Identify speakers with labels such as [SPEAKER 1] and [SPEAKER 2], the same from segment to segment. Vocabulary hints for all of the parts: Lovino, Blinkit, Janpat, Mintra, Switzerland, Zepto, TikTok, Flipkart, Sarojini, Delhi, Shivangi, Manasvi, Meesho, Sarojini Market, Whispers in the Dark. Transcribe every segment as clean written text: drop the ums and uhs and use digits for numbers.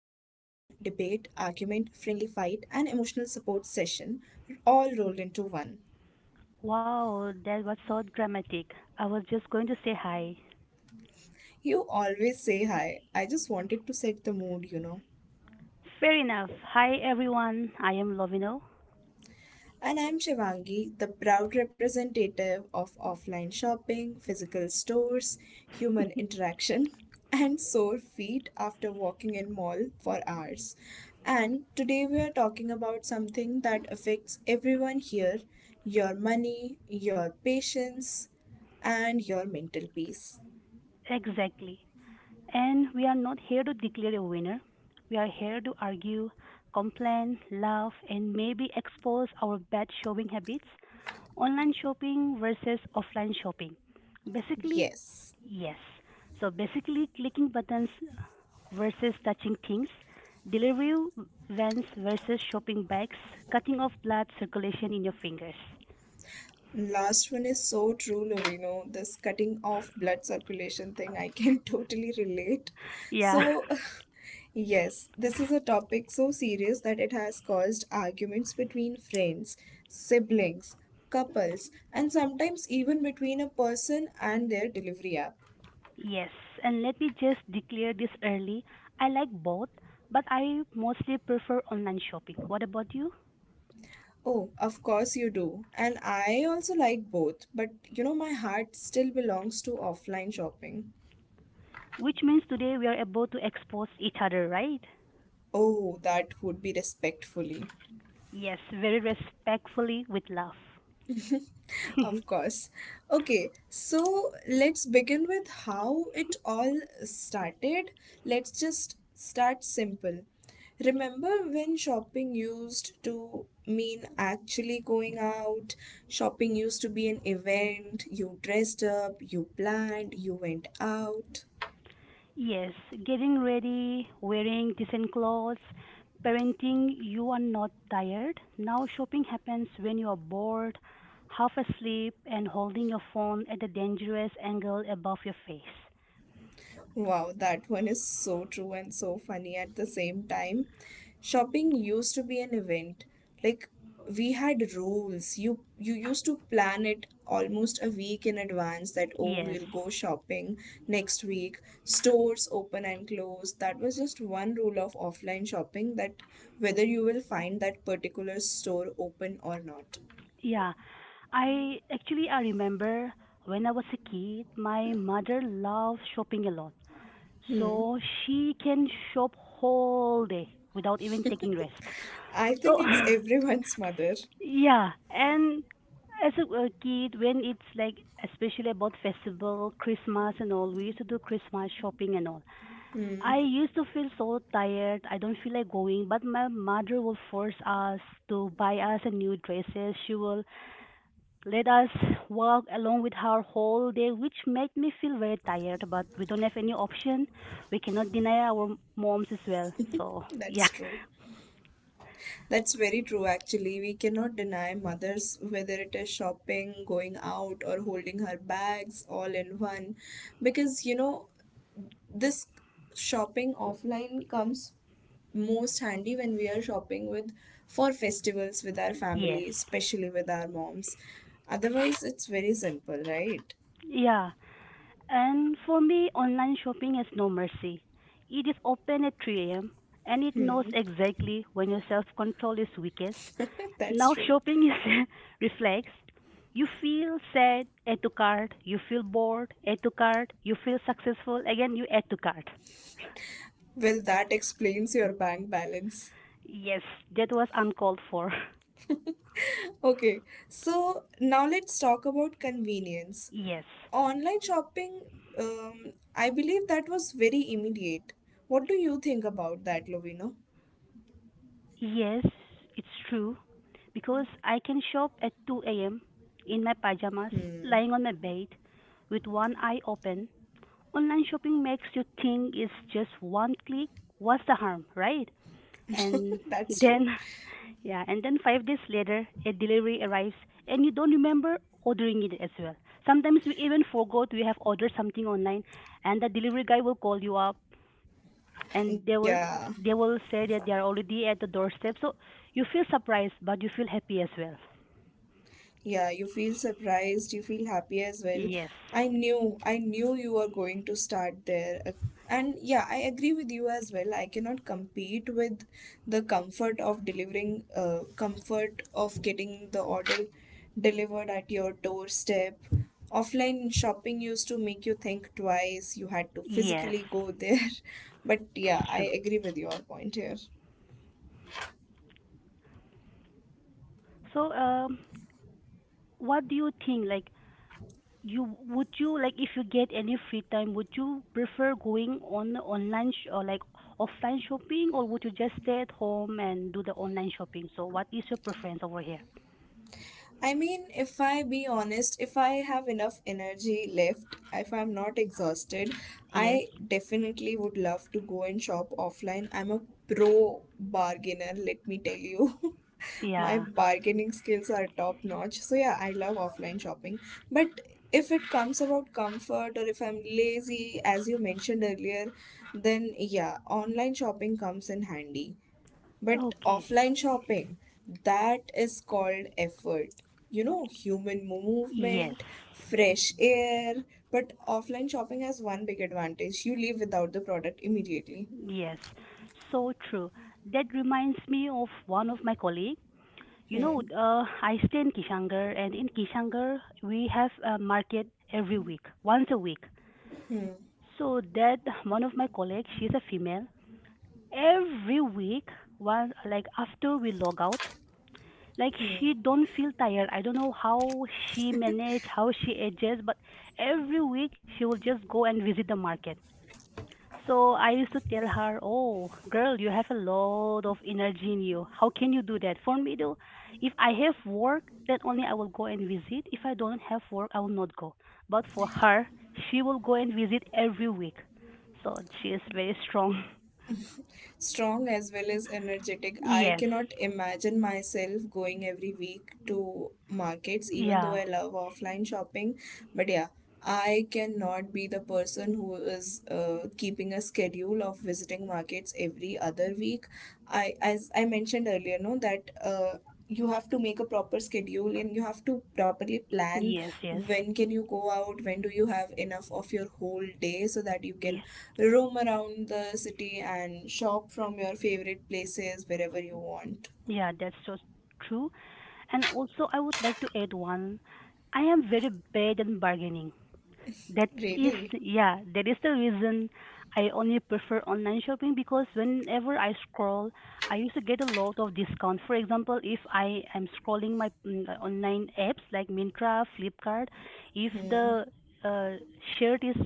[SPEAKER 1] debate, argument, friendly fight, and emotional support session, all rolled into one.
[SPEAKER 2] Wow, that was so dramatic. I was just going to say hi.
[SPEAKER 1] You always say hi. I just wanted to set the mood, you know.
[SPEAKER 2] Fair enough. Hi, everyone. I am Lovino.
[SPEAKER 1] And I'm Shivangi, the proud representative of offline shopping, physical stores, human interaction, and sore feet after walking in mall for hours. And today we are talking about something that affects everyone here, your money, your patience, and your mental peace.
[SPEAKER 2] Exactly. And we are not here to declare a winner. We are here to argue, complain, laugh, and maybe expose our bad shopping habits, online shopping versus offline shopping. Basically,
[SPEAKER 1] Yes.
[SPEAKER 2] yes. So basically, clicking buttons versus touching things, delivery vans versus shopping bags, cutting off blood circulation in your fingers.
[SPEAKER 1] Last one is so true, Lovino. This cutting off blood circulation thing, I can totally relate.
[SPEAKER 2] Yeah.
[SPEAKER 1] So, yes, this is a topic so serious that it has caused arguments between friends, siblings, couples, and sometimes even between a person and their delivery app.
[SPEAKER 2] Yes, and let me just declare this early. I like both, but I mostly prefer online shopping. What about you?
[SPEAKER 1] Oh, of course you do. And I also like both, but you know, my heart still belongs to offline shopping.
[SPEAKER 2] Which means today we are able to expose each other, right?
[SPEAKER 1] Oh, that would be respectfully.
[SPEAKER 2] Yes, very respectfully with love.
[SPEAKER 1] Of course. Okay, so let's begin with how it all started. Let's just start simple. Remember when shopping used to mean actually going out? Shopping used to be an event. You dressed up, you planned, you went out.
[SPEAKER 2] Yes, getting ready, wearing decent clothes, parenting, you are not tired. Now, shopping happens when you are bored, half asleep, and holding your phone at a dangerous angle above your face.
[SPEAKER 1] Wow, that one is so true and so funny at the
[SPEAKER 2] Y-
[SPEAKER 1] same time. Shopping used to be an event. Like we had rules. You used to plan it almost a week in advance that oh,
[SPEAKER 2] Yes.
[SPEAKER 1] we'll go shopping next week. Stores open and close. That was just one rule of offline shopping, that whether you will find that particular store open or not.
[SPEAKER 2] Yeah, I actually I remember when I was a kid, my mother loved shopping a lot.
[SPEAKER 1] Hmm.
[SPEAKER 2] So she can shop whole day without even taking rest.
[SPEAKER 1] I think
[SPEAKER 2] So
[SPEAKER 1] it's everyone's mother.
[SPEAKER 2] yeah, and as a kid, when it's like, especially about festival, Christmas and all, we used to do Christmas shopping and all. I used to feel so tired. I don't feel like going, but my mother will force us to buy us a new dresses. She will let us walk along with her whole day, which made me feel very tired. But we don't have any option. We cannot deny our moms as well. So yeah,
[SPEAKER 1] That's true. That's very true, actually. We cannot deny mothers, whether it is shopping, going out, or holding her bags all in one. Because, you know, this shopping offline comes most handy when we are shopping with for festivals with our
[SPEAKER 2] yes,
[SPEAKER 1] family, especially with our moms. Otherwise, it's very simple, right?
[SPEAKER 2] yeah. And for me, online shopping has no mercy. It is open at 3 a.m. and it knows exactly when your self control is weakest.
[SPEAKER 1] That's
[SPEAKER 2] Now,
[SPEAKER 1] true.
[SPEAKER 2] shopping is reflex. You feel sad, add to cart. You feel bored, add to cart. You feel successful, again, you add to cart.
[SPEAKER 1] Well, that explains your bank balance.
[SPEAKER 2] Yes, that was uncalled for.
[SPEAKER 1] Okay, so now let's talk about convenience.
[SPEAKER 2] Yes,
[SPEAKER 1] Online shopping, I believe that was very immediate. What do you think about that, Lovino?
[SPEAKER 2] yes, it's true. Because I can shop at 2 a.m. in my pajamas,
[SPEAKER 1] Hmm,
[SPEAKER 2] lying on my bed with one eye open. Online shopping makes you think it's just one click. What's the harm, right? And
[SPEAKER 1] that's true.
[SPEAKER 2] then, yeah, and then 5 days later, a delivery arrives and you don't remember ordering it as well. Sometimes we even forgot we have ordered something online, and the delivery guy will call you up and they will
[SPEAKER 1] Yeah.
[SPEAKER 2] they will say that they are already at the doorstep. So you feel surprised, but you feel happy as well.
[SPEAKER 1] Yeah, you feel surprised, you feel happy as well.
[SPEAKER 2] Yes,
[SPEAKER 1] I knew you were going to start there. And yeah, I agree with you as well. I cannot compete with the comfort of delivering, comfort of getting the order delivered at your doorstep. Offline shopping used to make you think twice, you had to
[SPEAKER 2] yes,
[SPEAKER 1] physically go there. But yeah,
[SPEAKER 2] that's
[SPEAKER 1] I
[SPEAKER 2] true.
[SPEAKER 1] agree with your point here.
[SPEAKER 2] So, what do you think? Like, you would you like, if you get any free time, would you prefer going on online or like offline shopping, or would you just stay at home and do the online shopping? So what is your preference over here?
[SPEAKER 1] I mean, if I be honest, if I have enough energy left, if I'm not exhausted,
[SPEAKER 2] Yes,
[SPEAKER 1] I definitely would love to go and shop offline. I'm a pro bargainer, let me tell you. My
[SPEAKER 2] yeah.
[SPEAKER 1] bargaining skills are top notch. So, yeah, I love offline shopping. But if it comes about comfort or if I'm lazy, as you mentioned earlier, then yeah, online shopping comes in handy. But
[SPEAKER 2] Okay.
[SPEAKER 1] offline shopping, that is called effort. You know, human
[SPEAKER 2] Yes,
[SPEAKER 1] movement, fresh air. But offline shopping has one big advantage, you leave without the product immediately.
[SPEAKER 2] yes, so true. That reminds me of one of my colleague. You know,
[SPEAKER 1] Hmm.
[SPEAKER 2] I stay in Kishangar, and in Kishangar we have a market every week, once a week.
[SPEAKER 1] Hmm.
[SPEAKER 2] So that one of my colleagues, she's a female. Every week, once, like after we log out, like she don't feel tired. I don't know how she manage, how she adjusts, but every week she will just go and visit the market. So I used to tell her, oh girl, you have a lot of energy in you. How can you do that? For me, though, if I have work, then only I will go and visit. If I don't have work, I will not go. But for her, she will go and visit every week. So she is very strong.
[SPEAKER 1] Strong as well as energetic. I
[SPEAKER 2] Yes,
[SPEAKER 1] cannot imagine myself going every week to markets, even though
[SPEAKER 2] yeah.
[SPEAKER 1] I love offline shopping. But yeah, I cannot be the person who is keeping a schedule of visiting markets every other week. As I mentioned earlier, no, that you have to make a proper schedule and you have to properly plan
[SPEAKER 2] Yes, yes,
[SPEAKER 1] when can you go out, when do you have enough of your whole day so that you can
[SPEAKER 2] yes.
[SPEAKER 1] roam around the city and shop from your favorite places wherever you want.
[SPEAKER 2] Yeah, that's so true. And also, I would like to add one. I am very bad in bargaining. That is,
[SPEAKER 1] Really.
[SPEAKER 2] yeah, that is the reason I only prefer online shopping, because whenever I scroll, I used to get a lot of discount. For example, if I am scrolling my online apps like Mintra, Flipkart, if
[SPEAKER 1] Hmm.
[SPEAKER 2] the uh, shirt is,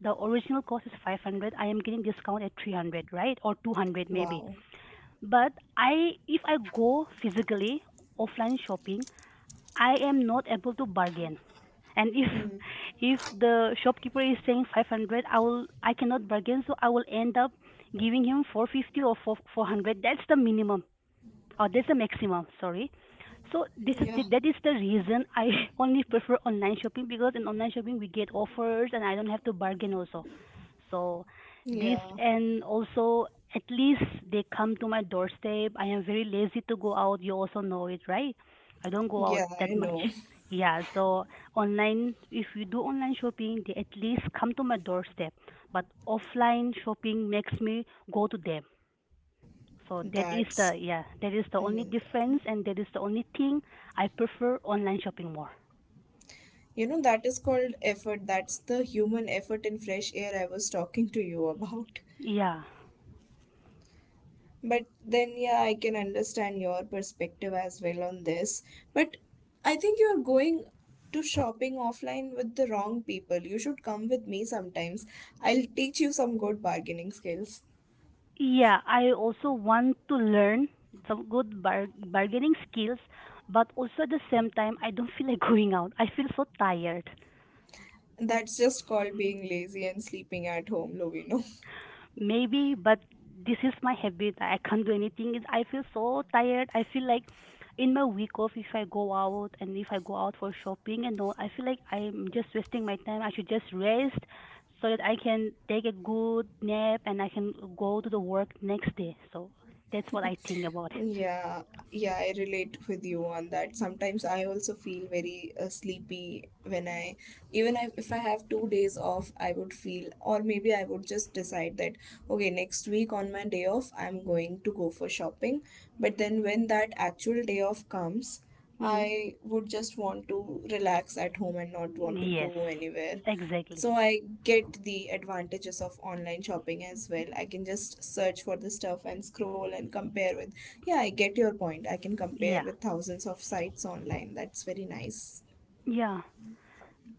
[SPEAKER 2] the original cost is 500, I am getting discount at 300, right? Or 200 maybe.
[SPEAKER 1] Wow.
[SPEAKER 2] But I if I go physically offline shopping, I am not able to bargain. And if
[SPEAKER 1] Hmm.
[SPEAKER 2] if the shopkeeper is saying 500, I cannot bargain, so I will end up giving him 450 or 4 400, that's the minimum. Oh, there's a maximum. Sorry. So this is
[SPEAKER 1] Yeah.
[SPEAKER 2] the, that is the reason I only prefer online shopping, because in online shopping we get offers and I don't have to bargain also. So this,
[SPEAKER 1] Yeah.
[SPEAKER 2] and also at least they come to my doorstep. I am very lazy to go out. You also know it, right? I don't go out
[SPEAKER 1] Yeah, I
[SPEAKER 2] that much.
[SPEAKER 1] know.
[SPEAKER 2] Yeah, so online, if you do online shopping, they at least come to my doorstep. But offline shopping makes me go to them. So that is
[SPEAKER 1] That's
[SPEAKER 2] the, yeah, that is the only difference, and that is the only thing I prefer online shopping more.
[SPEAKER 1] You know, that is called effort, that's the human effort in fresh air I was talking to you about.
[SPEAKER 2] Yeah.
[SPEAKER 1] But then, yeah, I can understand your perspective as well on this. But I think you're going to shopping offline with the wrong people. You should come with me sometimes. I'll teach you some good bargaining skills.
[SPEAKER 2] Yeah, I also want to learn some good bargaining skills, but also at the same time I don't feel like going out. I feel so tired.
[SPEAKER 1] That's just called being lazy and sleeping at home, Lovino.
[SPEAKER 2] Maybe, but this is my habit. I can't do anything. I feel so tired. I feel like in my week off, if I go out, and if I go out for shopping and all, I feel like I'm just wasting my time. I should just rest, so that I can take a good nap and I can go to the work next day. So that's what I think about it.
[SPEAKER 1] Yeah, yeah, I relate with you on that. Sometimes I also feel very sleepy even I, if I have 2 days off, I would feel, or maybe I would just decide that, okay, next week on my day off, I'm going to go for shopping. But then when that actual day off comes,
[SPEAKER 2] Mm.
[SPEAKER 1] I would just want to relax at home and not want to
[SPEAKER 2] Yes,
[SPEAKER 1] go anywhere. So
[SPEAKER 2] exactly.
[SPEAKER 1] I get the advantages of online shopping as well. I can just search for the stuff and scroll and compare with. Yeah, I get your point. I can
[SPEAKER 2] Yeah,
[SPEAKER 1] compare with thousands of sites online. That's very nice.
[SPEAKER 2] yeah.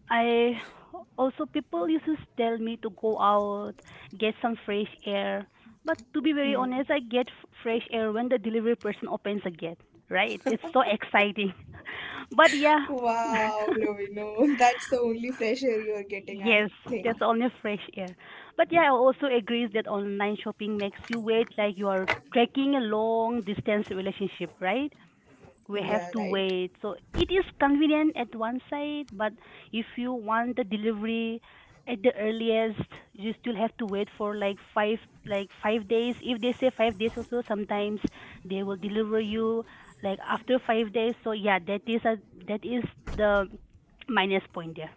[SPEAKER 2] I also, people used to tell me to go out, get some fresh air. But to be very
[SPEAKER 1] Hmm.
[SPEAKER 2] honest, I get fresh air when the delivery person opens the gate. Right? It's so exciting. But yeah,
[SPEAKER 1] Wow, Lovino, that's the only fresh air you're getting, I
[SPEAKER 2] yes,
[SPEAKER 1] think.
[SPEAKER 2] that's only fresh air. But yeah, I also agree that online shopping makes you wait like you are trekking a long distance relationship, right? We have
[SPEAKER 1] Yeah,
[SPEAKER 2] to
[SPEAKER 1] right.
[SPEAKER 2] wait. So it is convenient at one side, but if you want the delivery at the earliest, you still have to wait for like 5 days. If they say 5 days also, sometimes they will deliver you like after 5 days. So yeah, that is a, that is the minus point there.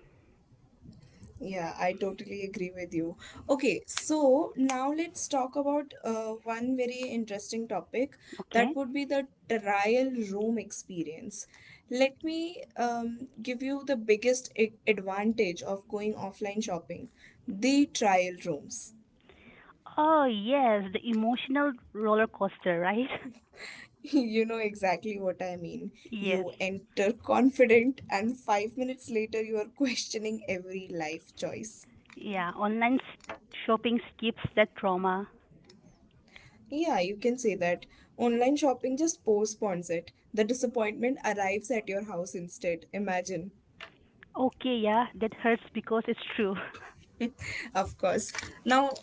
[SPEAKER 1] Yeah, I totally agree with you. Okay, so now let's talk about one very interesting topic,
[SPEAKER 2] Okay.
[SPEAKER 1] that would be the trial room experience. Let me give you the biggest advantage of going offline shopping, the trial rooms.
[SPEAKER 2] Oh yes, the emotional roller coaster, right?
[SPEAKER 1] You know exactly what I mean.
[SPEAKER 2] Yes.
[SPEAKER 1] You enter confident, and 5 minutes later, you are questioning every life choice.
[SPEAKER 2] Yeah, online shopping skips that trauma.
[SPEAKER 1] Yeah, you can say that. Online shopping just postpones it. The disappointment arrives at your house instead. Imagine.
[SPEAKER 2] Okay, yeah, that hurts because it's true.
[SPEAKER 1] Of course. Now,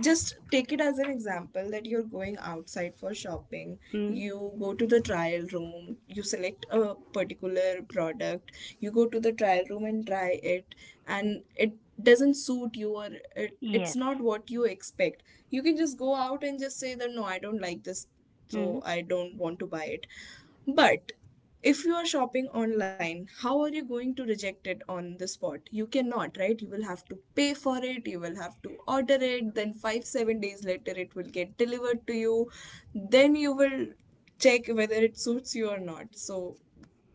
[SPEAKER 1] just take it as an example that you're going outside for shopping.
[SPEAKER 2] Hmm.
[SPEAKER 1] You go to the trial room, you select a particular product, you go to the trial room and try it, and it doesn't suit you, or it's
[SPEAKER 2] Yes.
[SPEAKER 1] not what you expect. You can just go out and just say that no, I don't like this,
[SPEAKER 2] Hmm.
[SPEAKER 1] so I don't want to buy it. But if you are shopping online, how are you going to reject it on the spot? You cannot, right? You will have to pay for it, you will have to order it, then five, 7 days later it will get delivered to you. Then you will check whether it suits you or not. So,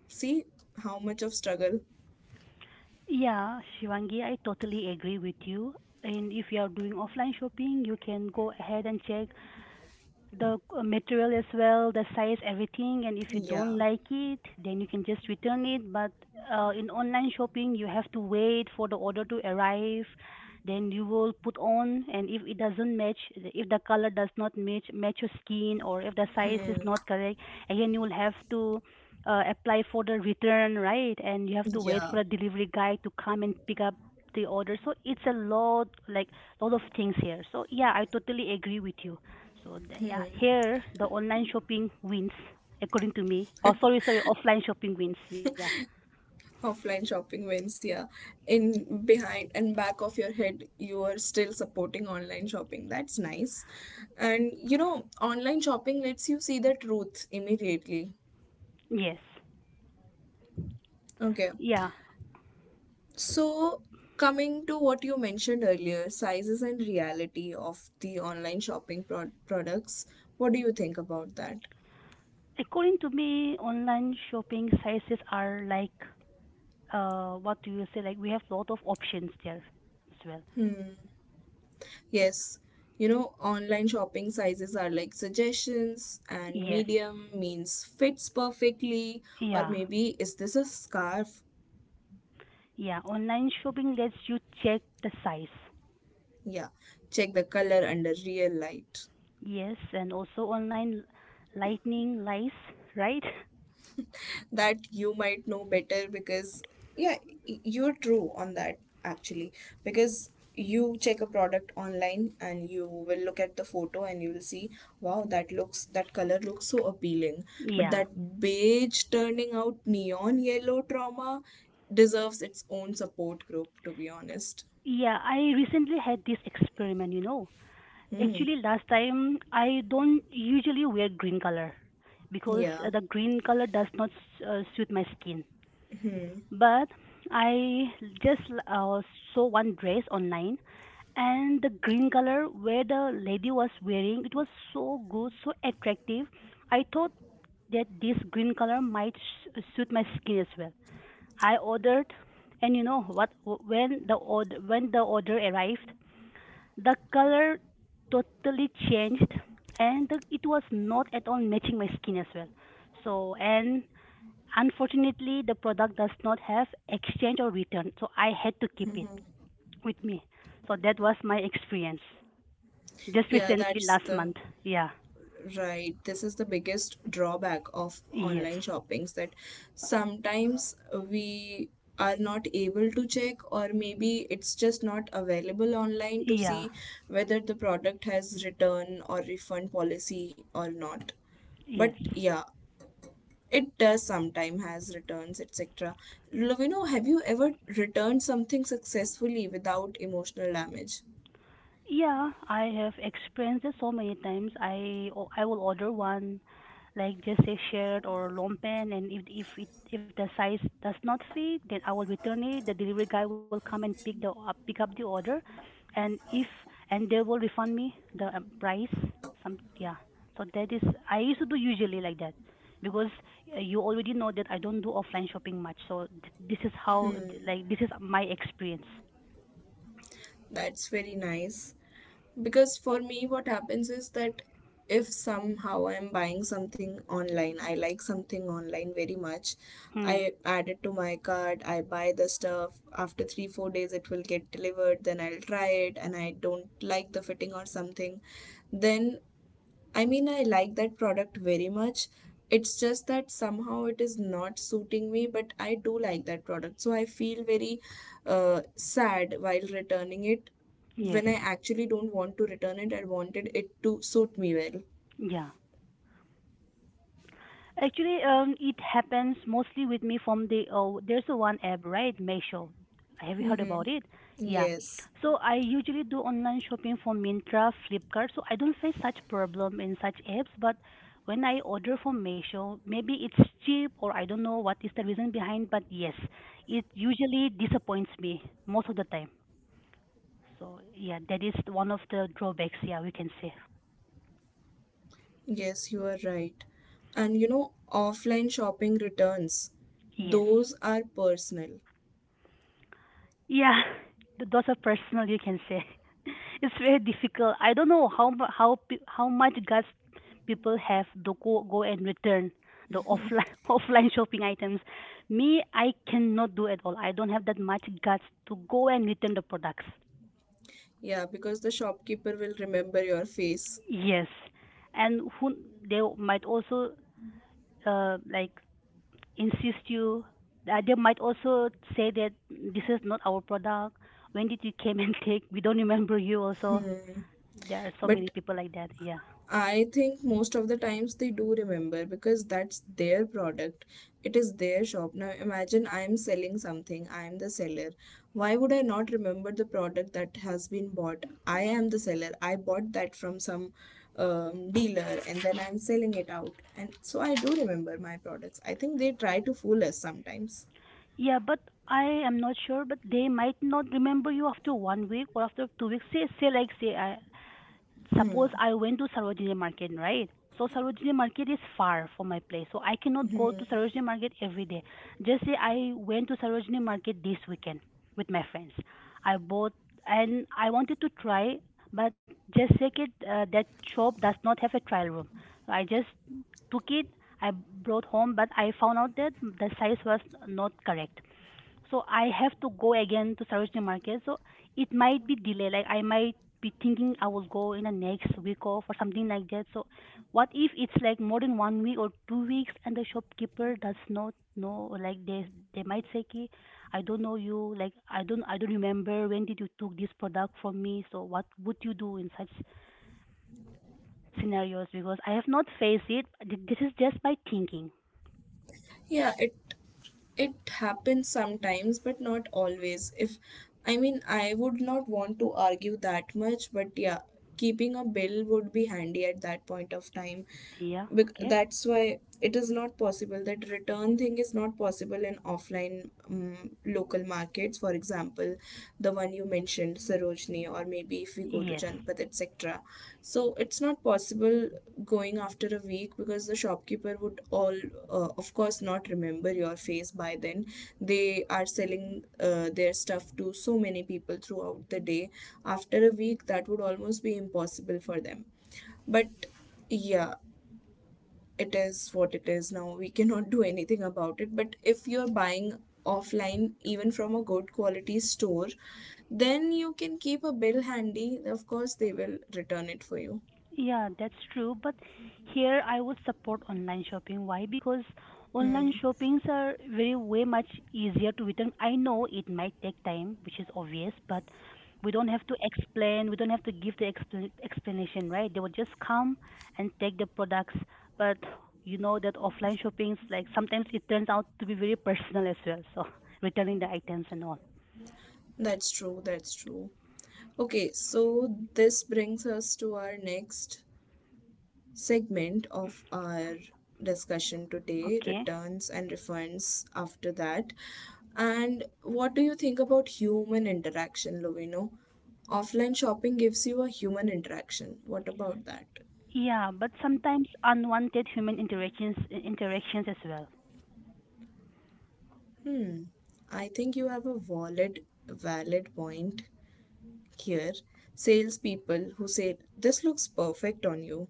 [SPEAKER 1] see how much of struggle.
[SPEAKER 2] Yeah, Shivangi, I totally agree with you. And if you are doing offline shopping, you can go ahead and check the material as well, the size, everything. And if you don't
[SPEAKER 1] Yeah,
[SPEAKER 2] like it, then you can just return it. But in online shopping, you have to wait for the order to arrive. Then you will put on, and if it doesn't match, if the color does not match your skin, or if the size is not correct, again you will have to apply for the return, right? And you have to wait for
[SPEAKER 1] yeah.
[SPEAKER 2] a delivery guy to come and pick up the order. So it's a lot, like lot of things here. So yeah, I totally agree with you. So the, yeah, here the online shopping wins, according to me. Oh, sorry, sorry, offline shopping wins. Yeah,
[SPEAKER 1] Offline shopping wins, yeah, in behind and back of your head you are still supporting online shopping, that's nice. And you know, online shopping lets you see the truth immediately.
[SPEAKER 2] yes,
[SPEAKER 1] Okay,
[SPEAKER 2] yeah.
[SPEAKER 1] so coming to what you mentioned earlier, sizes and reality of the online shopping products, what do you think about that?
[SPEAKER 2] According to me, online shopping sizes are like, what do you say? Like we have lot of options there as well.
[SPEAKER 1] Yes, you know, online shopping sizes are like suggestions, and
[SPEAKER 2] Yes,
[SPEAKER 1] medium means fits perfectly, or
[SPEAKER 2] yeah,
[SPEAKER 1] maybe is this a scarf?
[SPEAKER 2] yeah. Online shopping lets you check the size.
[SPEAKER 1] Yeah, check the color under real light.
[SPEAKER 2] Yes, and also online lightning lies, right?
[SPEAKER 1] That you might know better because yeah, you're true on that, actually. Because you check a product online and you will look at the photo and you will see, wow, that looks, that color looks so appealing, but
[SPEAKER 2] Yeah.
[SPEAKER 1] that beige turning out neon yellow trauma deserves its own support group, to be honest.
[SPEAKER 2] Yeah, I recently had this experiment, you know.
[SPEAKER 1] Hmm.
[SPEAKER 2] Actually, last time, I don't usually wear green color because
[SPEAKER 1] Yeah.
[SPEAKER 2] the green color does not suit my skin. But I just saw one dress online, and the green color where the lady was wearing, it was so good, so attractive. I thought that this green color might suit my skin as well. I ordered, and you know what? When the order arrived, the color totally changed, and the, it was not at all matching my skin as well. So, and unfortunately, the product does not have exchange or return, so I had to keep it with me. So, that was my experience just
[SPEAKER 1] yeah
[SPEAKER 2] recently
[SPEAKER 1] that's
[SPEAKER 2] last
[SPEAKER 1] the
[SPEAKER 2] month. Yeah,
[SPEAKER 1] Right. This is the biggest drawback of
[SPEAKER 2] yes,
[SPEAKER 1] online shoppings, that sometimes we are not able to check or maybe it's just not available online to
[SPEAKER 2] yeah,
[SPEAKER 1] see whether the product has return or refund policy or not. But
[SPEAKER 2] yes.
[SPEAKER 1] yeah, it does sometime has returns, etc. Lovino, have you ever returned something successfully without emotional damage?
[SPEAKER 2] Yeah, I have experienced it so many times. I will order one like just a shirt or lompan, and if it if the size does not fit, then I will return it. The delivery guy will come and pick the up pick up the order, and if and they will refund me the price. Some, yeah. So that is, I used to do usually like that, because you already know that I don't do offline shopping much. So this is how, like this is my experience.
[SPEAKER 1] That's very nice. Because for me what happens is that if somehow I'm buying something online, I like something online very much, I
[SPEAKER 2] Hmm.
[SPEAKER 1] add it to my cart, I buy the stuff, after 3-4 days it will get delivered, then I'll try it and I don't like the fitting or something. Then, I mean, I like that product very much. It's just that somehow it is not suiting me, but I do like that product. So I feel very sad while returning it
[SPEAKER 2] Yes.
[SPEAKER 1] when I actually don't want to return it. I wanted it to suit me well.
[SPEAKER 2] Yeah. Actually, it happens mostly with me from the, oh, there's a one app, right? Meesho. Have you heard
[SPEAKER 1] Mm-hmm.
[SPEAKER 2] about it? Yeah.
[SPEAKER 1] Yes,
[SPEAKER 2] So I usually do online shopping from Mintra, Flipkart, so I don't face such problem in such apps. But when I order from Meesho, maybe it's cheap or I don't know what is the reason behind, but yes, it usually disappoints me most of the time. So yeah, that is one of the drawbacks. Yeah, we can say
[SPEAKER 1] yes, you are right. And you know, offline shopping returns,
[SPEAKER 2] yes.
[SPEAKER 1] those are personal.
[SPEAKER 2] Yeah, those are personal. You can say it's very difficult. I don't know how mu- how pe- how much guts people have to go and return the offline offline shopping items. Me, I cannot do at all. I don't have that much guts to go and return the products.
[SPEAKER 1] Yeah, because the shopkeeper will remember your face.
[SPEAKER 2] Yes, and who they might also like insist you. They might also say that this is not our product. When did you came and take? We don't remember you also.
[SPEAKER 1] Hmm.
[SPEAKER 2] There are so many
[SPEAKER 1] But
[SPEAKER 2] people like that. Yeah.
[SPEAKER 1] I think most of the times they do remember because that's their product. It is their shop. Now imagine I'm selling something, I'm the seller. Why would I not remember the product that has been bought? I am the seller. I bought that from some dealer and then I'm selling it out. And so I do remember my products. I think they try to fool us sometimes.
[SPEAKER 2] Yeah, but I am not sure, but they might not remember you after one week or after 2 weeks. Say like, say, suppose I went to Sarojini Market, right? So Sarojini Market is far from my place, so I cannot go to Sarojini Market every day. Just say I went to Sarojini Market this weekend with my friends. I bought and I wanted to try, but just say it, that shop does not have a trial room. I just took it. I brought home, but I found out that the size was not correct, so I have to go again to Sarojini Market. So it might be delay, like I might be thinking I will go in the next week off or something like that. So what if it's like more than one week or 2 weeks, and the shopkeeper does not know, like they might say ki, I don't know you, like I don't remember when did you took this product from me. So what would you do in such scenarios? Because I have not faced it. This is just my thinking.
[SPEAKER 1] Yeah, it happens sometimes, but not always. If I mean, I would not want to argue that much, but yeah, keeping a bill would be handy at that point of time.
[SPEAKER 2] Yeah, okay.
[SPEAKER 1] That's why it is not possible, that return thing is not possible in offline local markets, for example the one you mentioned, Sarojini, or maybe if we go to
[SPEAKER 2] Yes.
[SPEAKER 1] Janpat, etc. So it's not possible going after a week because the shopkeeper would all, of course, not remember your face by then. They are selling their stuff to so many people throughout the day. After a week, that would almost be impossible for them. But yeah, it is what it is now. We cannot do anything about it. But if you're buying offline, even from a good quality store, then you can keep a bill handy. Of course, they will return it for you.
[SPEAKER 2] Yeah, that's true. But here I would support online shopping. Why? Because online
[SPEAKER 1] Hmm.
[SPEAKER 2] shoppings are very way much easier to return. I know it might take time, which is obvious, but we don't have to explain. We don't have to give the explanation, right? They will just come and take the products. But you know that offline shoppings, like sometimes it turns out to be very personal as well. So returning the items and all.
[SPEAKER 1] That's true. That's true. Okay, so this brings us to our next segment of our discussion today,
[SPEAKER 2] Okay.
[SPEAKER 1] returns and refunds after that. And what do you think about human interaction, Lovino? Offline shopping gives you a human interaction. What about that?
[SPEAKER 2] Yeah, but sometimes unwanted human interactions as well.
[SPEAKER 1] Hmm. I think you have a valid point here. Salespeople who say this looks perfect on you.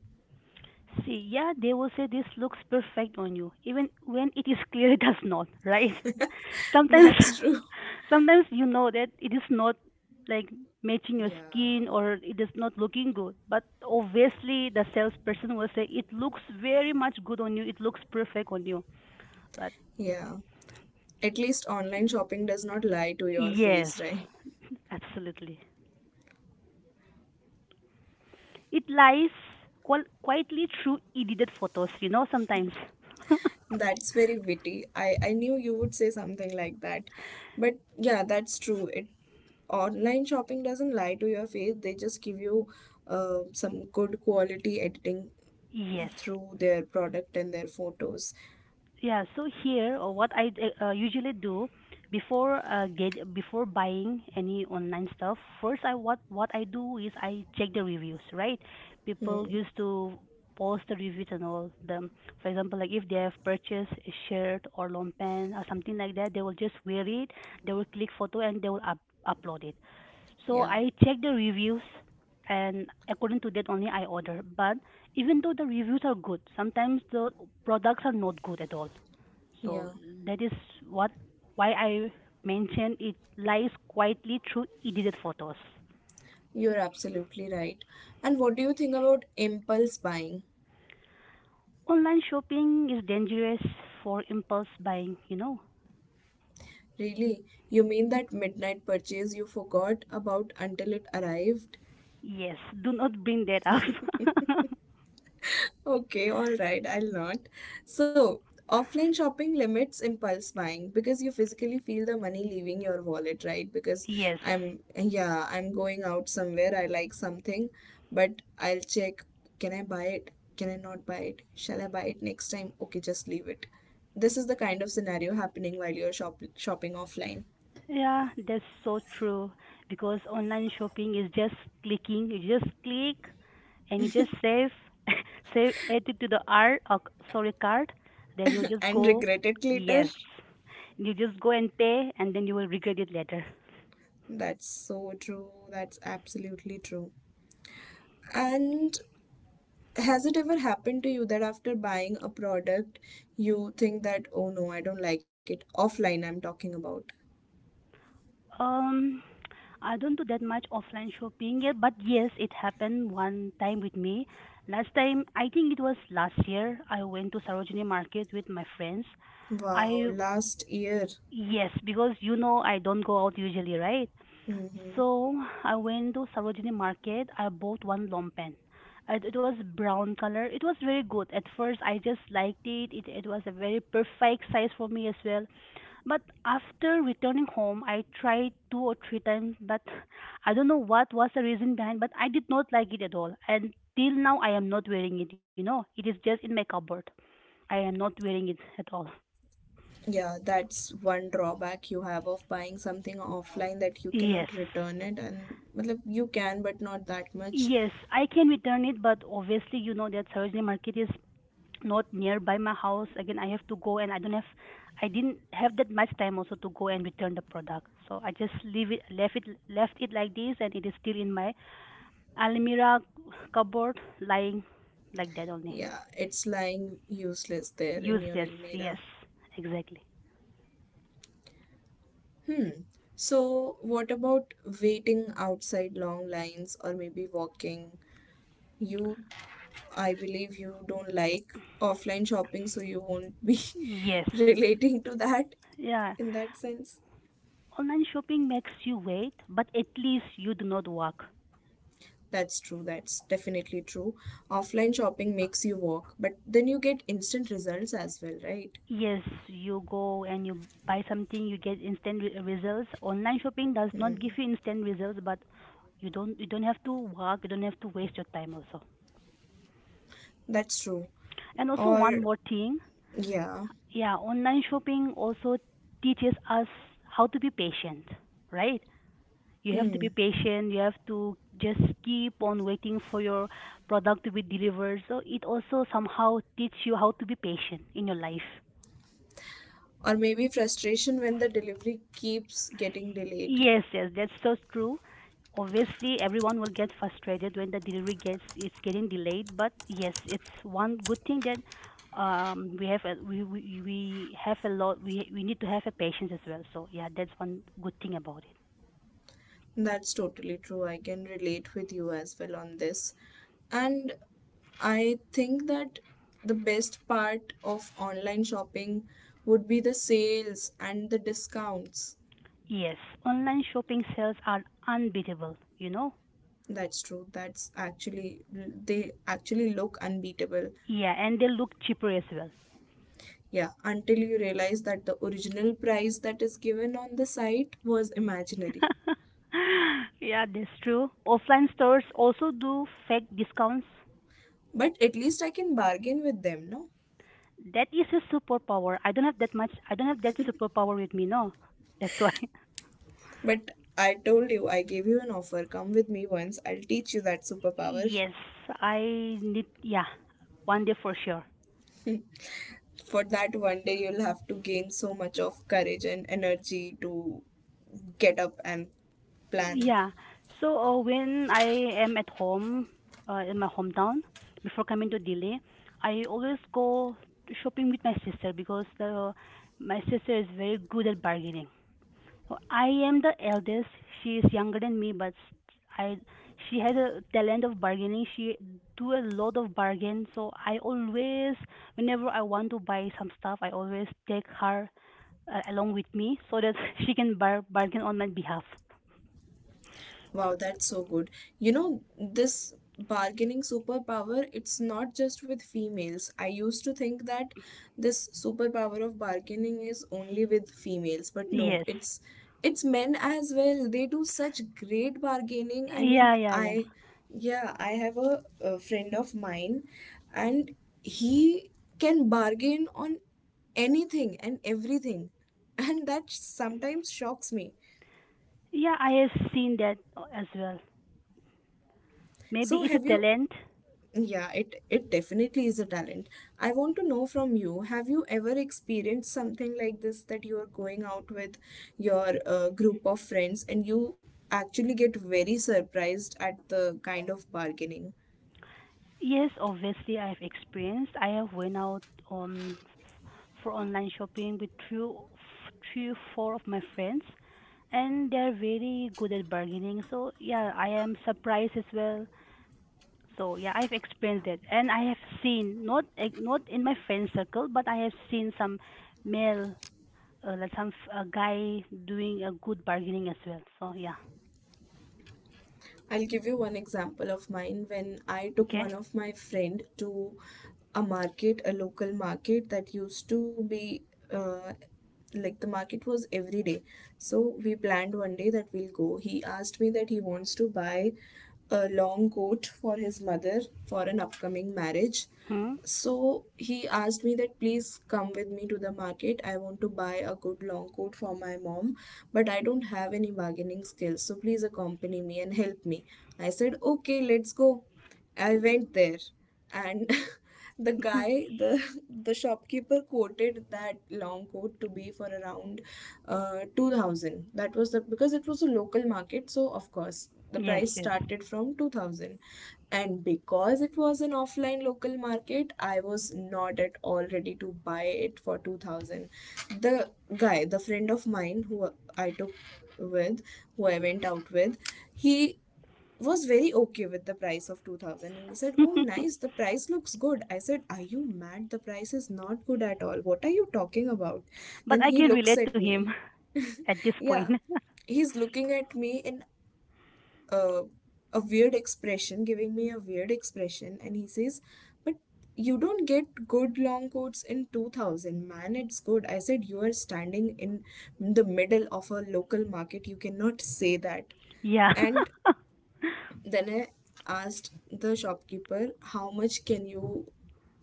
[SPEAKER 2] See, yeah, they will say this looks perfect on you, even when it is clear it does not, right? Sometimes,
[SPEAKER 1] That's true.
[SPEAKER 2] sometimes you know that it is not like matching your skin
[SPEAKER 1] Yeah.
[SPEAKER 2] or it is not looking good, but obviously the salesperson will say it looks very much good on you, it looks perfect on you. But
[SPEAKER 1] Yeah. At least online shopping does not lie to your
[SPEAKER 2] yes,
[SPEAKER 1] face, right?
[SPEAKER 2] absolutely, it lies quietly through edited photos, sometimes.
[SPEAKER 1] That's very witty. I knew you would say something like that. But yeah, that's true. It online shopping doesn't lie to your face. They just give you some good quality editing
[SPEAKER 2] Yes.
[SPEAKER 1] through their product and their photos.
[SPEAKER 2] Yeah, so here what I usually do before get before buying any online stuff, first I what I do is I check the reviews, right? People
[SPEAKER 1] Hmm.
[SPEAKER 2] used to post the reviews and all them. For example, like if they have purchased a shirt or long pant or something like that, they will just wear it, they will click photo, and they will up upload it. So
[SPEAKER 1] Yeah.
[SPEAKER 2] I checked the reviews, and according to that only I order. But even though the reviews are good, sometimes the products are not good at all. So
[SPEAKER 1] Yeah.
[SPEAKER 2] that is what why I mentioned it lies quietly through edited photos.
[SPEAKER 1] You're absolutely right. And what do you think about impulse buying?
[SPEAKER 2] Online shopping is dangerous for impulse buying, you know.
[SPEAKER 1] Really? You mean that midnight purchase you forgot about until it arrived?
[SPEAKER 2] Yes, do not bring that up.
[SPEAKER 1] Okay, all right, I'll not. So, offline shopping limits impulse buying because you physically feel the money leaving your wallet, right? Because
[SPEAKER 2] yes.
[SPEAKER 1] I'm, yeah, I'm going out somewhere, I like something, but I'll check, can I buy it? Can I not buy it? Shall I buy it next time? Okay, just leave it. This is the kind of scenario happening while you're shopping offline.
[SPEAKER 2] Yeah, that's so true because online shopping is just clicking. You just click and you just save save add it to the sorry, card. Then you just
[SPEAKER 1] And
[SPEAKER 2] go.
[SPEAKER 1] regret it later.
[SPEAKER 2] Yes, you just go and pay, and then you will regret it later.
[SPEAKER 1] That's so true. That's absolutely true. And has it ever happened to you that after buying a product, you think that, oh no, I don't like it? Offline, I'm talking about.
[SPEAKER 2] um I don't do that much offline shopping yet, but yes, it happened one time with me last time. I think it was last year. I went to Sarojini Market with my friends.
[SPEAKER 1] Wow,
[SPEAKER 2] i
[SPEAKER 1] last year.
[SPEAKER 2] yes because you know I don't go out usually, right?
[SPEAKER 1] Hmm.
[SPEAKER 2] So I went to Sarojini Market. I bought one lompan. It was brown color. It was very good. At first, I just liked it. It was a very perfect size for me as well. But after returning home, I tried two or three times. But I don't know what was the reason behind. But I did not like it at all. And till now, I am not wearing it. You know, it is just in my cupboard. I am not wearing it at all.
[SPEAKER 1] Yeah, that's one drawback you have of buying something offline, that you
[SPEAKER 2] Yes.
[SPEAKER 1] cannot return it, and well, you can, but not that much.
[SPEAKER 2] Yes, I can return it, but obviously you know that Sarojini Market is not nearby my house. Again, I have to go, and I don't have, I didn't have that much time also to go and return the product, so I just leave it left it left it like this, and it is still in my almirah cupboard, lying like that only.
[SPEAKER 1] Yeah, it's lying useless there in your
[SPEAKER 2] Useless,
[SPEAKER 1] Elmira.
[SPEAKER 2] yes, exactly,
[SPEAKER 1] Hmm. So, what about waiting outside long lines or maybe walking? You I believe you don't like offline shopping, so you won't be
[SPEAKER 2] yes.
[SPEAKER 1] relating to that
[SPEAKER 2] Yeah,
[SPEAKER 1] in that sense.
[SPEAKER 2] online shopping makes you wait, but at least you do not work.
[SPEAKER 1] That's true. That's definitely true. Offline shopping makes you walk, but then you get instant results as well, right?
[SPEAKER 2] Yes, you go and you buy something, you get instant results. Online shopping does not give you instant results, but you don't have to work. You don't have to waste your time also.
[SPEAKER 1] That's true.
[SPEAKER 2] And also one
[SPEAKER 1] Or,
[SPEAKER 2] more thing,
[SPEAKER 1] yeah.
[SPEAKER 2] yeah, online shopping also teaches us how to be patient, right? You have to
[SPEAKER 1] Hmm.
[SPEAKER 2] be patient. You have to just keep on waiting for your product to be delivered. So it also somehow teach you how to be patient in your life.
[SPEAKER 1] Or maybe frustration when the delivery keeps getting delayed.
[SPEAKER 2] Yes, yes, that's so true. Obviously, everyone will get frustrated when the delivery gets it's getting delayed. But yes, it's one good thing that we have a lot. We need to have a patience as well. So yeah, that's one good thing about it.
[SPEAKER 1] That's totally true. I can relate with you as well on this. And I think that the best part of online shopping would be the sales and the discounts.
[SPEAKER 2] Yes, online shopping sales are unbeatable. You know.
[SPEAKER 1] That's true. That's actually, they actually look unbeatable.
[SPEAKER 2] Yeah, and they look cheaper as well.
[SPEAKER 1] Yeah, until you realize that the original price that is given on the site was imaginary.
[SPEAKER 2] yeah, that's true. Offline stores also do fake discounts.
[SPEAKER 1] But at least I can bargain with them, no?
[SPEAKER 2] That is a superpower. I don't have that much. I don't have that superpower with me. No, that's why.
[SPEAKER 1] But I told you, I gave you an offer. Come with me once. I'll teach you that superpower.
[SPEAKER 2] Yes, I need, yeah, one day for sure.
[SPEAKER 1] For that one day, you'll have to gain so much of courage and energy to get up and plan.
[SPEAKER 2] Yeah. So when I am at home, in my hometown, before coming to Delhi, I always go shopping with my sister because my sister is very good at bargaining. So I am the eldest. She is younger than me, but s- I she has a talent of bargaining. She do a lot of bargain. So I always, whenever I want to buy some stuff, I always take her along with me so that she can bargain on my behalf.
[SPEAKER 1] Wow, that's so good. You know, this bargaining superpower, it's not just with females. I used to think that this superpower of bargaining is only with females, but no,
[SPEAKER 2] Yes.
[SPEAKER 1] it's men as well. They do such great bargaining. I mean,
[SPEAKER 2] Yeah, yeah, yeah.
[SPEAKER 1] I, yeah, I have a, friend of mine, and he can bargain on anything and everything, and that sometimes shocks me.
[SPEAKER 2] Yeah, I have seen that as well. Maybe
[SPEAKER 1] So,
[SPEAKER 2] it's a
[SPEAKER 1] have you?
[SPEAKER 2] talent.
[SPEAKER 1] Yeah, it definitely is a talent. I want to know from you, have you ever experienced something like this, that you are going out with your group of friends and you actually get very surprised at the kind of bargaining?
[SPEAKER 2] Yes, obviously I've experienced. I have went out on for online shopping with two, three, or four of my friends, and they're very good at bargaining. So yeah, I am surprised as well. So yeah, I've experienced that, and I have seen not in my friend circle, but I have seen some male, like some a guy doing a good bargaining as well. So yeah,
[SPEAKER 1] I'll give you one example of mine when I took one
[SPEAKER 2] okay,
[SPEAKER 1] of my friend to a market, a local market that used to be, uh, like, the market was every day. So we planned one day that we'll go. He asked me that he wants to buy a long coat for his mother for an upcoming marriage.
[SPEAKER 2] hmm,
[SPEAKER 1] So he asked me that, please come with me to the market. I want to buy a good long coat for my mom, but I don't have any bargaining skills. So please accompany me and help me. I said, okay, let's go. I went there, and the guy, the shopkeeper quoted that long coat to be for around, 2000. That was the because it was a local market, so of course the
[SPEAKER 2] yes,
[SPEAKER 1] price
[SPEAKER 2] yes.
[SPEAKER 1] started from 2000. And because it was an offline local market, I was not at all ready to buy it for 2000. The guy, the friend of mine who I took with, who I went out with, he was very okay with the price of 2000, and he said, oh, nice, the price looks good. I said, are you mad? The price is not good at all. What are you talking about?
[SPEAKER 2] But
[SPEAKER 1] Then
[SPEAKER 2] I
[SPEAKER 1] he
[SPEAKER 2] can
[SPEAKER 1] looks
[SPEAKER 2] relate to
[SPEAKER 1] at me.
[SPEAKER 2] him at this point.
[SPEAKER 1] Yeah, he's looking at me and, uh, giving me a weird expression, and he says, "But you don't get good long coats in 2000, man. It's good." I said, "You are standing in the middle of a local market. You cannot say that."
[SPEAKER 2] Yeah.
[SPEAKER 1] And then I asked the shopkeeper, how much can you,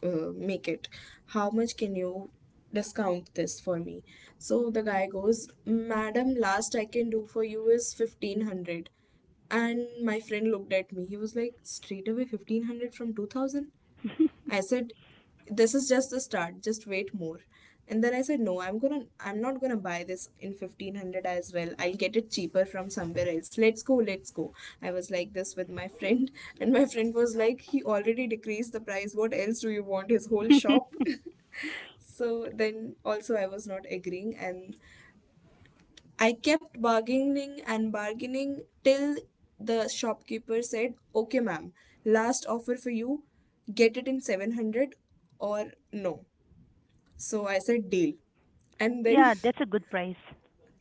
[SPEAKER 1] make it? How much can you discount this for me? So the guy goes, "Madam, last I can do for you is 1500." And my friend looked at me. He was like, "straight away 1500 from 2000." I said, this is just the start, just wait more. And then I said, no, I'm not gonna buy this in 1500 as well. I'll get it cheaper from somewhere else. Let's go, let's go. I was like this with my friend, and my friend was like, he already decreased the price. What else do you want? His whole shop. So then also I was not agreeing, and I kept bargaining and bargaining till the shopkeeper said, "Okay, ma'am, last offer for you, get it in 700 or no." So I said, deal. And then,
[SPEAKER 2] yeah, that's a good price.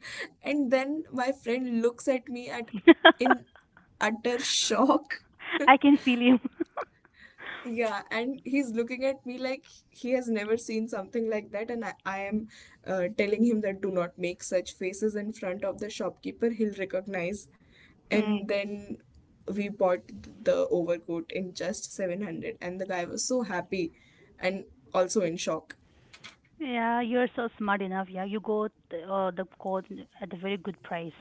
[SPEAKER 1] and then my friend looks at me at, in utter shock.
[SPEAKER 2] I can feel you.
[SPEAKER 1] Yeah, and he's looking at me like he has never seen something like that, and I am telling him that, do not make such faces in front of the shopkeeper, he'll recognize. And
[SPEAKER 2] Mm.
[SPEAKER 1] then we bought the overcoat in just 700, and the guy was so happy and also in shock.
[SPEAKER 2] Yeah, you're so smart enough. Yeah, you got the code at a very good price.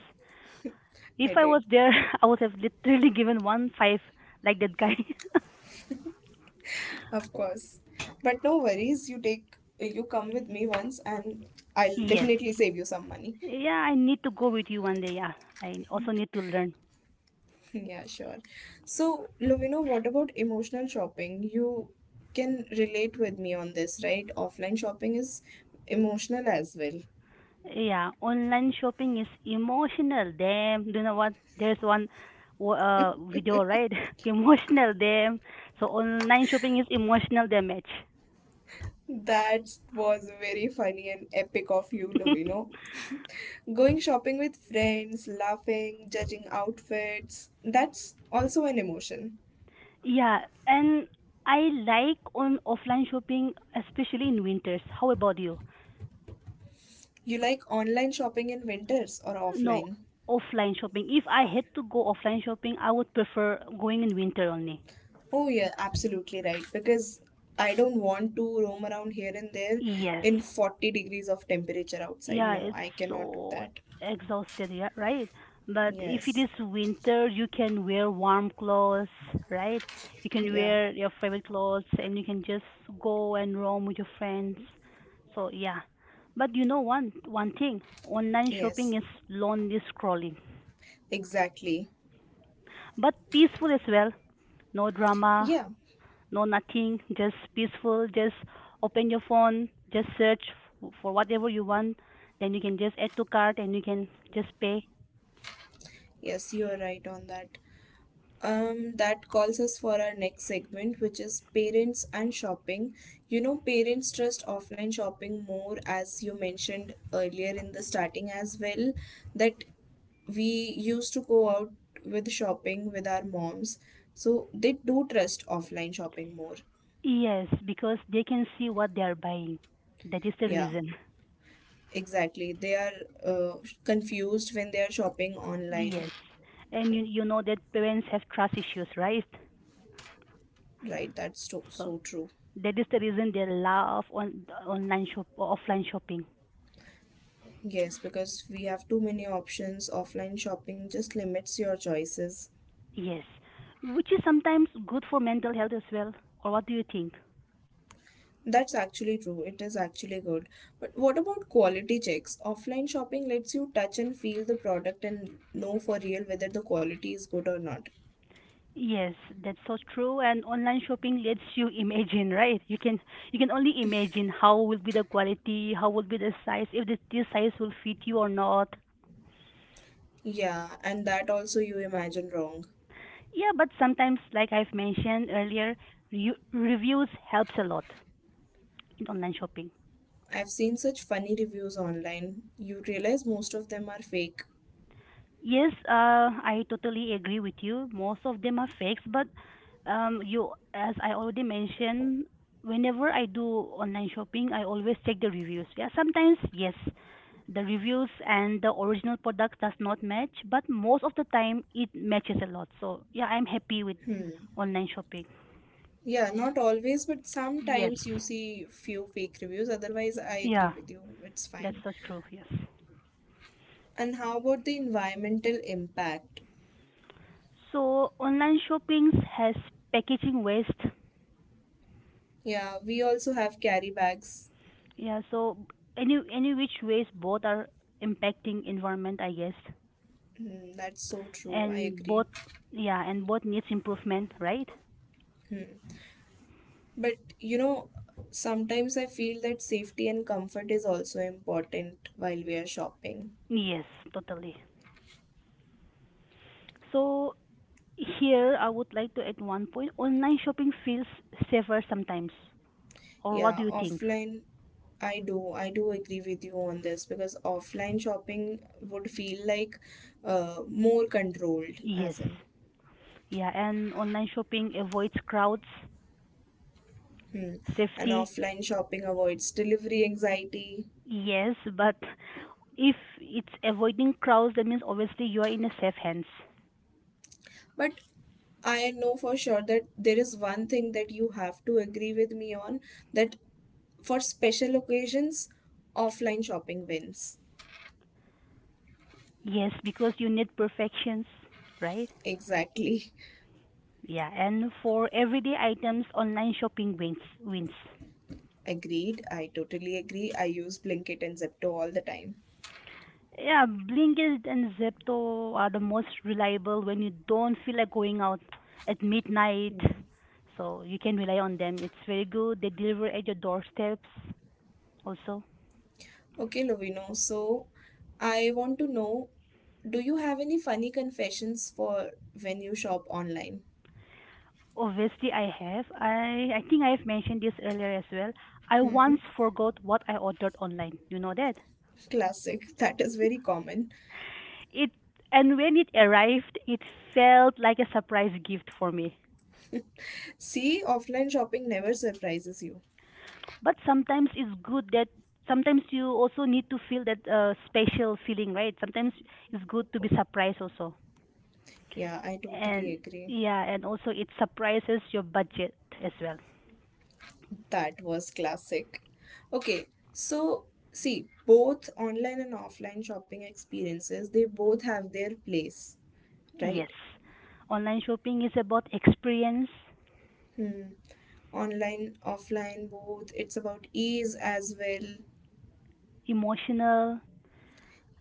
[SPEAKER 2] If
[SPEAKER 1] I
[SPEAKER 2] I was
[SPEAKER 1] did,
[SPEAKER 2] there, I would have literally given one five like that guy.
[SPEAKER 1] of course. But no worries, you come with me once, and I'll
[SPEAKER 2] yes.
[SPEAKER 1] definitely save you some money.
[SPEAKER 2] Yeah, I need to go with you one day. Yeah, I also need to learn.
[SPEAKER 1] Yeah, sure. So, Lovino, what about emotional shopping? You can relate with me on this, right? Offline shopping is emotional as well.
[SPEAKER 2] Yeah, online shopping is emotional. Damn, do you know what? There's one video, right? emotional, damn. So online shopping is emotional damage.
[SPEAKER 1] That was very funny and epic of you, Lovino. Going shopping with friends, laughing, judging outfits, that's also an emotion.
[SPEAKER 2] yeah, and I like on offline shopping, especially in winters. How about you?
[SPEAKER 1] You like online shopping in winters or
[SPEAKER 2] No,
[SPEAKER 1] offline?
[SPEAKER 2] offline shopping. If I had to go offline shopping, I would prefer going in winter only.
[SPEAKER 1] Oh, yeah, absolutely right. Because I don't want to roam around here and there
[SPEAKER 2] Yes.
[SPEAKER 1] in 40 degrees of temperature outside.
[SPEAKER 2] Yeah,
[SPEAKER 1] No,
[SPEAKER 2] it's
[SPEAKER 1] I cannot do
[SPEAKER 2] so
[SPEAKER 1] that.
[SPEAKER 2] exhausted, yeah, right? But if it
[SPEAKER 1] Yes.
[SPEAKER 2] is winter, you can wear warm clothes, right? You can
[SPEAKER 1] Yeah.
[SPEAKER 2] wear your favorite clothes, and you can just go and roam with your friends. So yeah. But you know one thing, online shopping
[SPEAKER 1] Yes.
[SPEAKER 2] is lonely scrolling,
[SPEAKER 1] Exactly.
[SPEAKER 2] but peaceful as well. No drama,
[SPEAKER 1] Yeah.
[SPEAKER 2] no nothing, just peaceful. Just open your phone, just search for whatever you want. Then you can just add to cart, and you can just pay.
[SPEAKER 1] Yes, you're right on that. That calls us for our next segment, which is parents and shopping. You know, parents trust offline shopping more, as you mentioned earlier in the starting as well, that we used to go out with shopping with our moms. So they do trust offline shopping more.
[SPEAKER 2] Yes, because they can see what they are buying. That is the
[SPEAKER 1] Yeah,
[SPEAKER 2] reason.
[SPEAKER 1] exactly. They are confused when they are shopping online.
[SPEAKER 2] Yes. And you know that parents have trust issues, right?
[SPEAKER 1] Right, that's so,
[SPEAKER 2] So
[SPEAKER 1] so true.
[SPEAKER 2] that is the reason they love on online shop or offline shopping.
[SPEAKER 1] Yes, because we have too many options. Offline shopping just limits your choices.
[SPEAKER 2] Yes. Which is sometimes good for mental health as well. Or what do you think?
[SPEAKER 1] That's actually true. It is actually good. But what about quality checks? Offline shopping lets you touch and feel the product and know for real whether the quality is good or not.
[SPEAKER 2] Yes, that's so true. And online shopping lets you imagine, right? You can only imagine how will be the quality, how will be the size, if this size will fit you or not.
[SPEAKER 1] Yeah, and that also you imagine wrong.
[SPEAKER 2] Yeah, but sometimes, like I've mentioned earlier, reviews helps a lot in online shopping.
[SPEAKER 1] I've seen such funny reviews online. You realize most of them are fake.
[SPEAKER 2] Yes, I totally agree with you. Most of them are fakes, but you, as I already mentioned, whenever I do online shopping, I always check the reviews. Yeah, sometimes yes, the reviews and the original product does not match, but most of the time it matches a lot. So yeah, I'm happy with online shopping.
[SPEAKER 1] Yeah, not always, but
[SPEAKER 2] Yes,
[SPEAKER 1] sometimes you see few fake reviews. Otherwise, I agree
[SPEAKER 2] yeah,
[SPEAKER 1] with you. It's
[SPEAKER 2] that's
[SPEAKER 1] fine.
[SPEAKER 2] so true. Yes.
[SPEAKER 1] And how about the environmental impact?
[SPEAKER 2] So online shopping has packaging waste.
[SPEAKER 1] Yeah, we also have carry bags.
[SPEAKER 2] Yeah, so any which ways both are impacting environment, I guess.
[SPEAKER 1] Hmm, that's so true. I
[SPEAKER 2] And
[SPEAKER 1] agree.
[SPEAKER 2] both yeah, and both needs improvement, right?
[SPEAKER 1] Hmm. But you know, sometimes I feel that safety and comfort is also important while we are shopping.
[SPEAKER 2] Yes, totally. So here I would like to add one point. Online shopping feels safer sometimes. Or what
[SPEAKER 1] Yeah,
[SPEAKER 2] do you think?
[SPEAKER 1] offline, I do. I do agree with you on this because offline shopping would feel like, more controlled,
[SPEAKER 2] Yes.
[SPEAKER 1] as in.
[SPEAKER 2] Yeah, and online shopping avoids crowds,
[SPEAKER 1] Hmm. And
[SPEAKER 2] safety.
[SPEAKER 1] offline shopping avoids delivery anxiety.
[SPEAKER 2] Yes, but if it's avoiding crowds, that means obviously you are in a safe hands.
[SPEAKER 1] But I know for sure that there is one thing that you have to agree with me on, that for special occasions, offline shopping wins.
[SPEAKER 2] Yes, because you need perfections, right?
[SPEAKER 1] Exactly.
[SPEAKER 2] Yeah, and for everyday items, online shopping wins. Wins.
[SPEAKER 1] Agreed. I totally agree. I use Blinkit and Zepto all the time.
[SPEAKER 2] Yeah, Blinkit and Zepto are the most reliable when you don't feel like going out at midnight. So you can rely on them. It's very good. They deliver at your doorsteps also.
[SPEAKER 1] Okay, Lovino. So, I want to know, do you have any funny confessions for when you shop online?
[SPEAKER 2] Obviously, I have. I think I have mentioned this earlier as well. I
[SPEAKER 1] Hmm.
[SPEAKER 2] once forgot what I ordered online. You know that?
[SPEAKER 1] Classic. That is very common.
[SPEAKER 2] It and when it arrived, it felt like a surprise gift for me.
[SPEAKER 1] See, offline shopping never surprises you.
[SPEAKER 2] But sometimes it's good that sometimes you also need to feel that special feeling, right? Sometimes it's good to be surprised also.
[SPEAKER 1] Yeah, I
[SPEAKER 2] And
[SPEAKER 1] totally agree.
[SPEAKER 2] yeah, and also it surprises your budget as well.
[SPEAKER 1] That was classic. Okay, so see, both online and offline shopping experiences, they both have their place, right?
[SPEAKER 2] Yes. Online shopping is about experience,
[SPEAKER 1] Hmm. Online, offline, both. It's about ease as well.
[SPEAKER 2] emotional.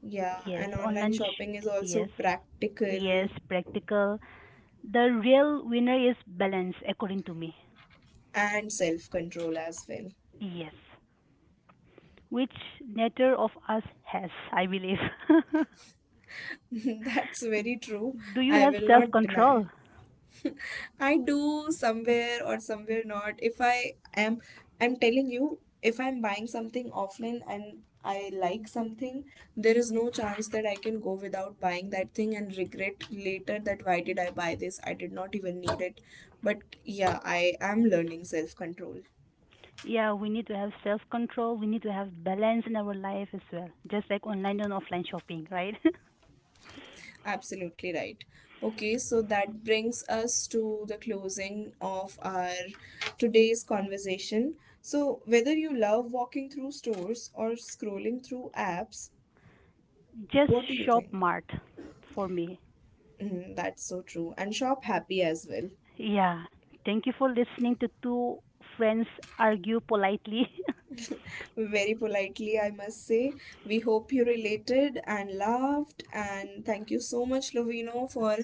[SPEAKER 1] Yeah,
[SPEAKER 2] Yes,
[SPEAKER 1] and online
[SPEAKER 2] online.
[SPEAKER 1] shopping is also
[SPEAKER 2] Yes,
[SPEAKER 1] practical
[SPEAKER 2] yes, practical. The real winner is balance, according to me.
[SPEAKER 1] and self control as well.
[SPEAKER 2] Yes, which neither of us has, I believe.
[SPEAKER 1] That's very true.
[SPEAKER 2] Do you
[SPEAKER 1] I
[SPEAKER 2] have
[SPEAKER 1] will
[SPEAKER 2] self
[SPEAKER 1] not deny.
[SPEAKER 2] control?
[SPEAKER 1] I do somewhere or somewhere not. If I am, I'm telling you, if I'm buying something offline and I like something, there is no chance that I can go without buying that thing and regret later that, why did I buy this? I did not even need it. But yeah, I am learning self control.
[SPEAKER 2] Yeah, we need to have self control. We need to have balance in our life as well, just like online and offline shopping, right?
[SPEAKER 1] Absolutely right. Okay, so that brings us to the closing of our today's conversation. So, whether you love walking through stores or scrolling through apps,
[SPEAKER 2] Just
[SPEAKER 1] what do you
[SPEAKER 2] shop
[SPEAKER 1] think?
[SPEAKER 2] smart, for me.
[SPEAKER 1] Mm, that's so true. And shop happy as well.
[SPEAKER 2] Yeah. Thank you for listening to two friends argue politely.
[SPEAKER 1] Very politely, I must say. We hope you related and laughed. And thank you so much, Lovino, for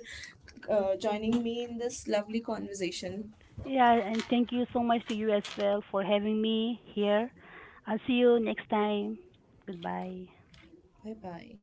[SPEAKER 1] joining me in this lovely conversation.
[SPEAKER 2] Yeah, and thank you so much to you as well for having me here. I'll see you next time. Goodbye.
[SPEAKER 1] Bye bye.